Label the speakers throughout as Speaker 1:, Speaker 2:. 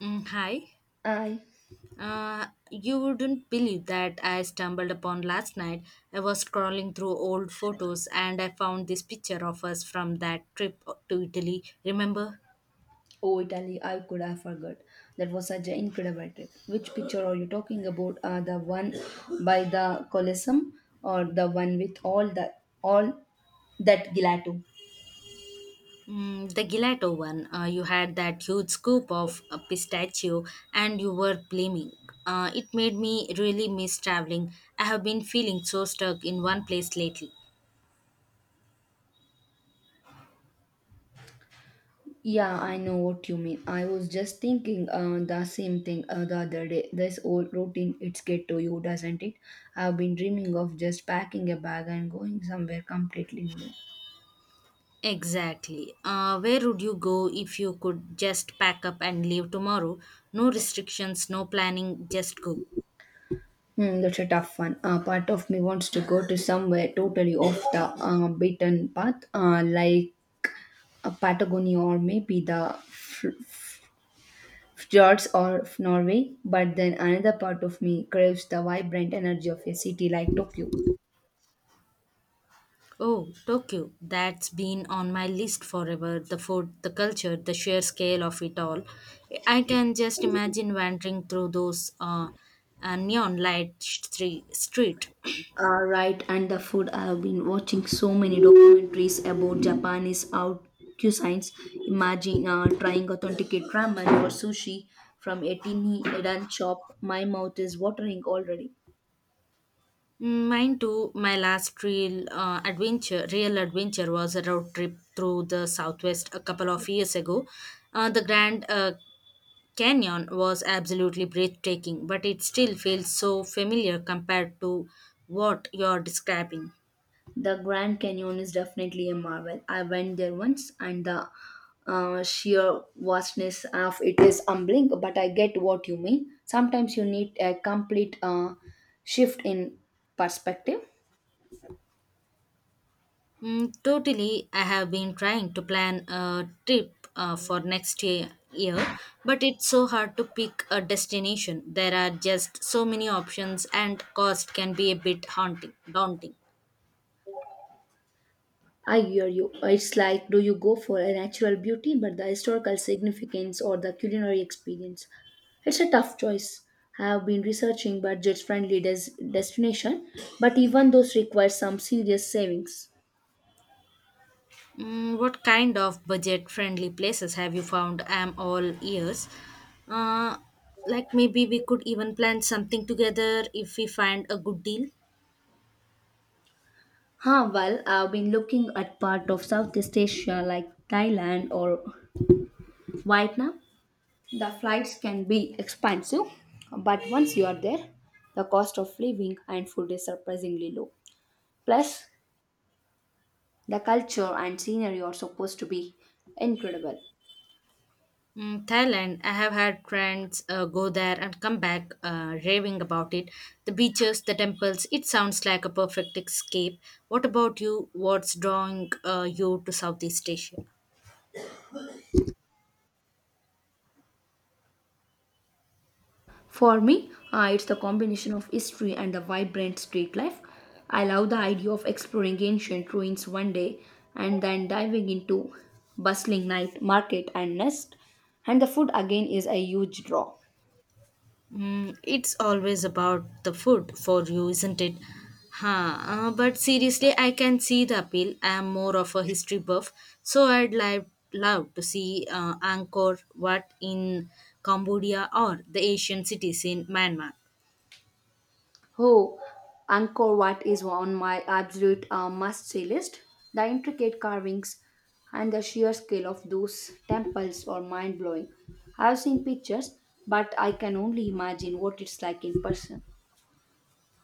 Speaker 1: Mm, hi.
Speaker 2: I
Speaker 1: You wouldn't believe that I stumbled upon last night. I was scrolling through old photos and I found this picture of us from that trip to Italy. Remember?
Speaker 2: oh Italy, I could have forgot. That was such an incredible trip. Which picture are you talking about? The one by the Colosseum or the one with all that gelato?
Speaker 1: The gelato one. You had that huge scoop of pistachio and you were blaming. It made me really miss traveling. I have been feeling so stuck in one place lately.
Speaker 2: Yeah, I know what you mean. I was just thinking the same thing the other day. This old routine, it's get to you, doesn't it? I've been dreaming of just packing a bag and going somewhere completely new.
Speaker 1: Exactly. Where would you go if you could just pack up and leave tomorrow? No restrictions, no planning, just go.
Speaker 2: That's a tough one. Part of me wants to go to somewhere totally off the beaten path, like Patagonia or maybe the fjords of Norway. But then another part of me craves the vibrant energy of a city like Tokyo.
Speaker 1: Oh, Tokyo. That's been on my list forever. The food, the culture, the sheer scale of it all. I can just imagine wandering through those neon light street.
Speaker 2: Right, and the food. I have been watching so many documentaries about Japanese out cuisines. Imagine trying authenticate ramen or sushi from a teeny Edan shop. My mouth is watering already.
Speaker 1: Mine too. My last real adventure, was a road trip through the southwest a couple of years ago. The Grand Canyon was absolutely breathtaking, but it still feels so familiar compared to what you're describing.
Speaker 2: The Grand Canyon is definitely a marvel. I went there once and the sheer vastness of it is humbling, but I get what you mean. Sometimes you need a complete shift in perspective.
Speaker 1: Mm, totally, I have been trying to plan a trip for next year, but it's so hard to pick a destination. There are just so many options, and cost can be a bit haunting, daunting.
Speaker 2: I hear you. It's like do you go for a natural beauty, but the historical significance or the culinary experience? It's a tough choice. I have been researching budget friendly destination, but even those require some serious savings.
Speaker 1: What kind of budget friendly places have you found? I'm all ears. Uh, like maybe we could even plan something together if we find a good deal.
Speaker 2: Well, I've been looking at part of Southeast Asia like Thailand or Vietnam. The flights can be expensive, but once you are there, the cost of living and food is surprisingly low. Plus, the culture and scenery are supposed to be incredible.
Speaker 1: Thailand, I have had friends go there and come back raving about it. The beaches, the temples, it sounds like a perfect escape. What about you? What's drawing you to Southeast Asia?
Speaker 2: For me, it's the combination of history and the vibrant street life. I love the idea of exploring ancient ruins one day and then diving into bustling night market and nest. And the food again is a huge draw.
Speaker 1: It's always about the food for you, isn't it? Huh. But seriously, I can see the appeal. I am more of a history buff, so I'd love to see Angkor Wat in Cambodia or the Asian cities in Myanmar.
Speaker 2: Oh, Angkor Wat is on my absolute must-see list. The intricate carvings and the sheer scale of those temples are mind-blowing. I've seen pictures, but I can only imagine what it's like in person.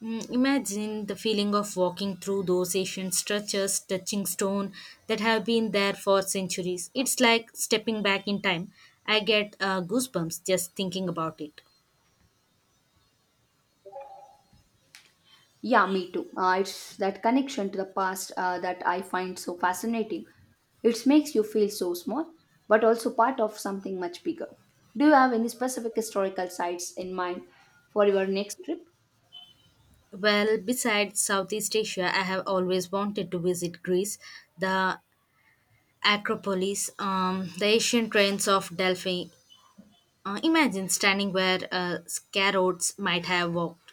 Speaker 1: Imagine the feeling of walking through those ancient structures, touching stone that have been there for centuries. It's like stepping back in time. I get goosebumps just thinking about it.
Speaker 2: Yeah, me too. It's that connection to the past that I find so fascinating. It makes you feel so small, but also part of something much bigger. Do you have any specific historical sites in mind for your next trip?
Speaker 1: Well, besides Southeast Asia, I have always wanted to visit Greece, the Acropolis, the ancient ruins of Delphi. Imagine standing where scarabs might have walked.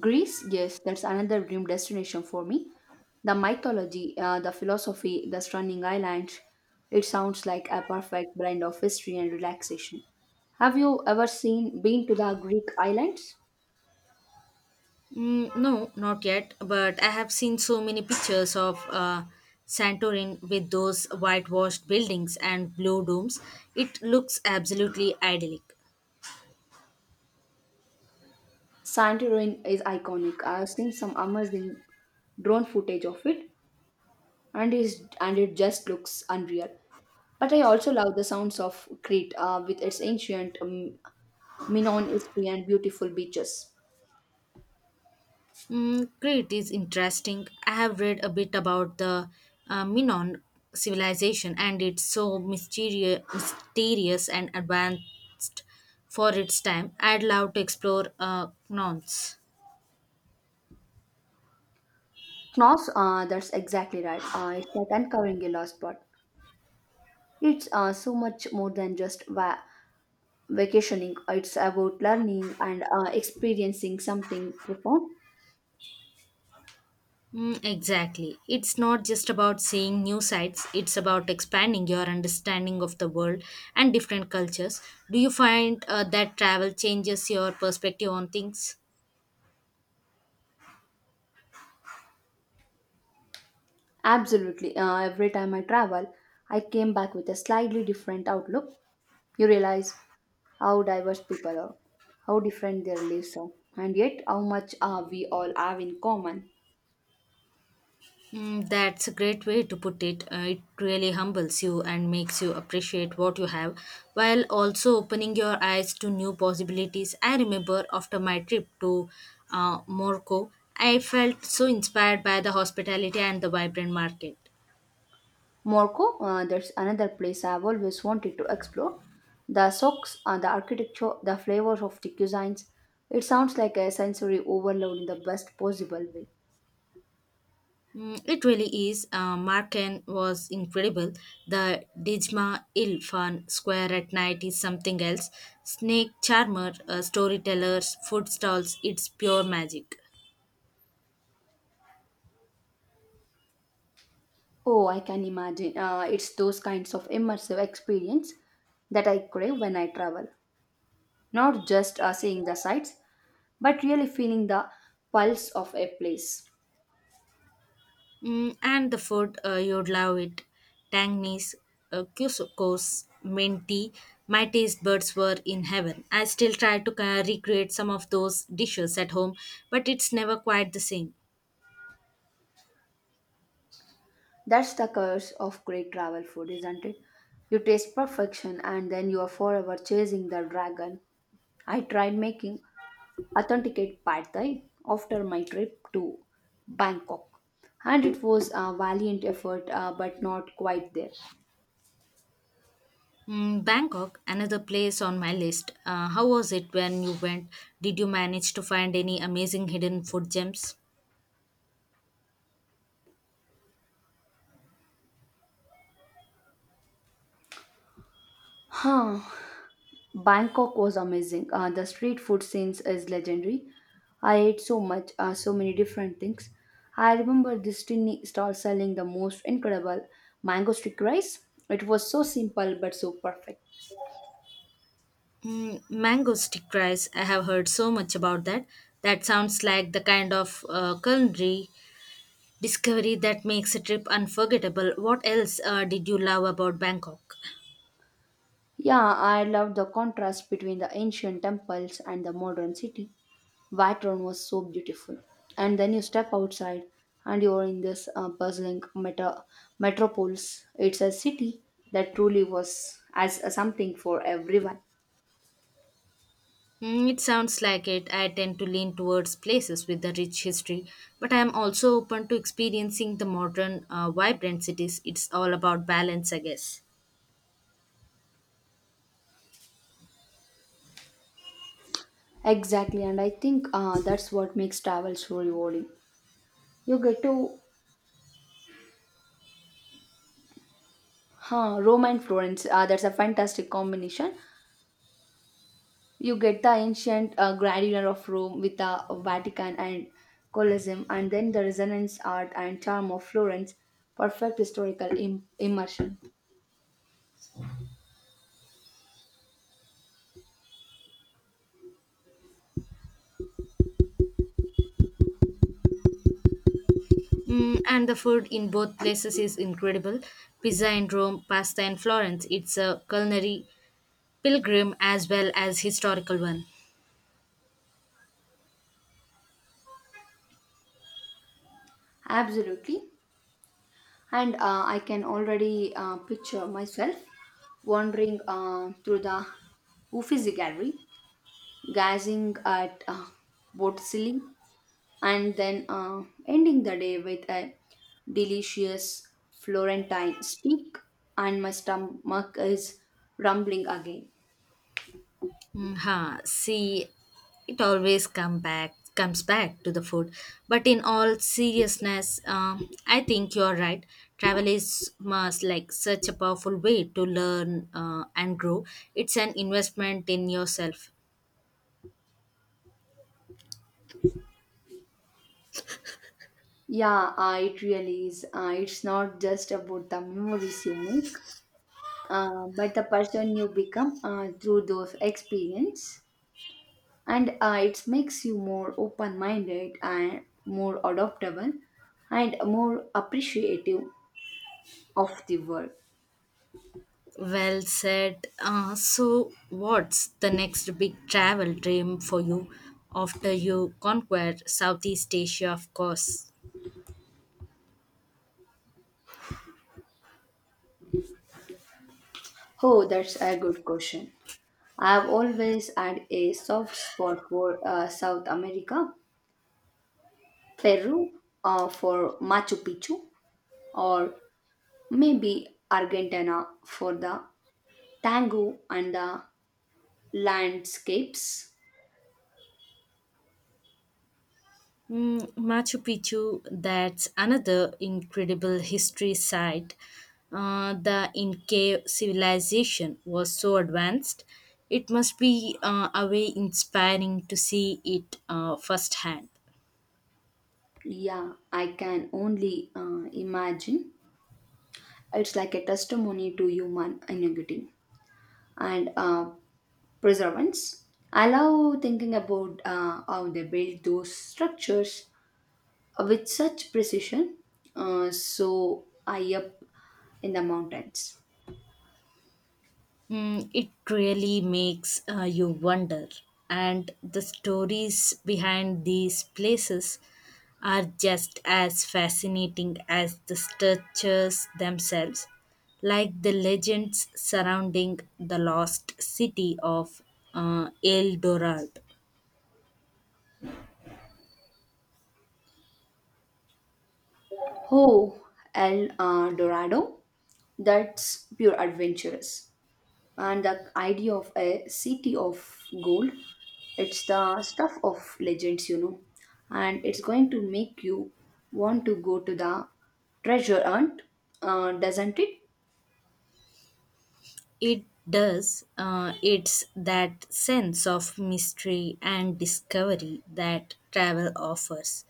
Speaker 2: Greece, yes, that's another dream destination for me. The mythology, the philosophy, the stunning islands. It sounds like a perfect blend of history and relaxation. Have you ever seen been to the Greek islands?
Speaker 1: Mm, no, not yet, but I have seen so many pictures of Santorin with those whitewashed buildings and blue domes. It looks absolutely idyllic.
Speaker 2: Santorin is iconic. I've seen some amazing drone footage of it, and it just looks unreal. But I also love the sounds of Crete with its ancient Minoan history and beautiful beaches.
Speaker 1: Crete is interesting. I have read a bit about the Minoan civilization, and it's so mysterious and advanced for its time. I'd love to explore Knowns.
Speaker 2: Knos, that's exactly right. It's like uncovering a lost spot. It's so much more than just vacationing. It's about learning and experiencing something profound.
Speaker 1: Mm, exactly. It's not just about seeing new sites, it's about expanding your understanding of the world and different cultures. Do you find that travel changes your perspective on things?
Speaker 2: Absolutely. Every time I travel, I came back with a slightly different outlook. You realize how diverse people are, how different their lives are, and yet how much we all have in common.
Speaker 1: That's a great way to put it. It really humbles you and makes you appreciate what you have while also opening your eyes to new possibilities. I remember after my trip to Morocco, I felt so inspired by the hospitality and the vibrant market.
Speaker 2: Morocco, that's another place I've always wanted to explore. The socks, the architecture, the flavors of the cuisines. It sounds like a sensory overload in the best possible way.
Speaker 1: It really is. Marken was incredible. The Dijma Ilfan Square at night is something else. Snake charmer, storytellers, food stalls, it's pure magic.
Speaker 2: Oh, I can imagine. It's those kinds of immersive experience that I crave when I travel. Not just seeing the sights, but really feeling the pulse of a place.
Speaker 1: And the food, you'd love it. Tangnese, couscous, minty. My taste buds were in heaven. I still try to recreate some of those dishes at home, but it's never quite the same.
Speaker 2: That's the curse of great travel food, isn't it? You taste perfection and then you are forever chasing the dragon. I tried making authenticate pad thai after my trip to Bangkok, and it was a valiant effort, but not quite there.
Speaker 1: Bangkok, another place on my list. How was it when you went? Did you manage to find any amazing hidden food gems?
Speaker 2: Huh. Bangkok was amazing. The street food scenes is legendary. I ate so much, so many different things. I remember this tiny stall selling the most incredible mango stick rice. It was so simple but so perfect.
Speaker 1: Mango stick rice. I have heard so much about that. That sounds like the kind of culinary discovery that makes a trip unforgettable. What else did you love about Bangkok?
Speaker 2: Yeah, I loved the contrast between the ancient temples and the modern city. Background was so beautiful and then you step outside and you're in this uh, bustling metropolis. It's a city that truly was as a something for everyone.
Speaker 1: It sounds like it. I tend to lean towards places with a rich history, but I am also open to experiencing the modern, vibrant cities. It's all about balance, I guess.
Speaker 2: Exactly, and I think that's what makes travel so rewarding. You get to Rome and Florence, that's a fantastic combination. You get the ancient grandeur of Rome with the Vatican and Colosseum, and then the resonance art and charm of Florence. Perfect historical immersion.
Speaker 1: And the food in both places is incredible. Pizza in Rome, pasta in Florence. It's a culinary pilgrim as well as historical one.
Speaker 2: Absolutely. And I can already picture myself wandering through the Uffizi gallery, gazing at Botticelli, and then ending the day with a delicious Florentine steak, and my stomach is rumbling again.
Speaker 1: Huh. See, it always comes back to the food. But in all seriousness, I think you're right. Travel is must like such a powerful way to learn and grow. It's an investment in yourself.
Speaker 2: Yeah, it really is. It's not just about the memories you make, but the person you become through those experiences. And it makes you more open minded and more adaptable and more appreciative of the world.
Speaker 1: Well said. So, what's the next big travel dream for you after you conquer Southeast Asia, of course?
Speaker 2: Oh, that's a good question. I've always had a soft spot for South America. Peru, for Machu Picchu, or maybe Argentina for the tango and the landscapes.
Speaker 1: Machu Picchu, that's another incredible history site. The Inca civilization was so advanced, it must be a way inspiring to see it firsthand.
Speaker 2: Yeah, I can only imagine. It's like a testimony to human ingenuity and preservance. I love thinking about how they build those structures with such precision, so high up in the mountains.
Speaker 1: It really makes you wonder. And the stories behind these places are just as fascinating as the structures themselves, like the legends surrounding the lost city of El Dorado.
Speaker 2: Oh, El Dorado, that's pure adventurous. And the idea of a city of gold, it's the stuff of legends, you know. And it's going to make you want to go to the treasure hunt, doesn't it?
Speaker 1: It does. It's that sense of mystery and discovery that travel offers.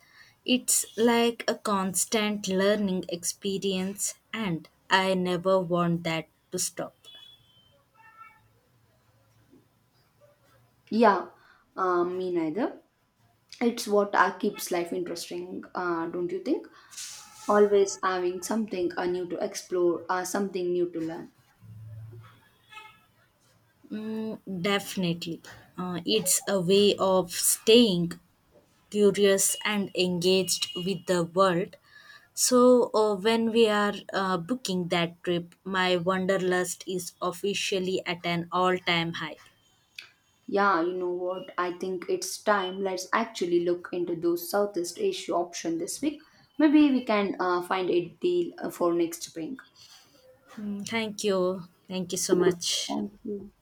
Speaker 1: It's like a constant learning experience, and I never want that to stop.
Speaker 2: Yeah, me neither. It's what keeps life interesting, don't you think? Always having something new to explore, something new to learn.
Speaker 1: Mm, definitely. It's a way of staying curious and engaged with the world. So, when we are booking that trip, my wanderlust is officially at an all time high.
Speaker 2: Yeah, you know what? I think it's time. Let's actually look into those Southeast Asia option this week. Maybe we can find a deal for next spring.
Speaker 1: Mm, thank you. Thank you so much.
Speaker 2: Thank you.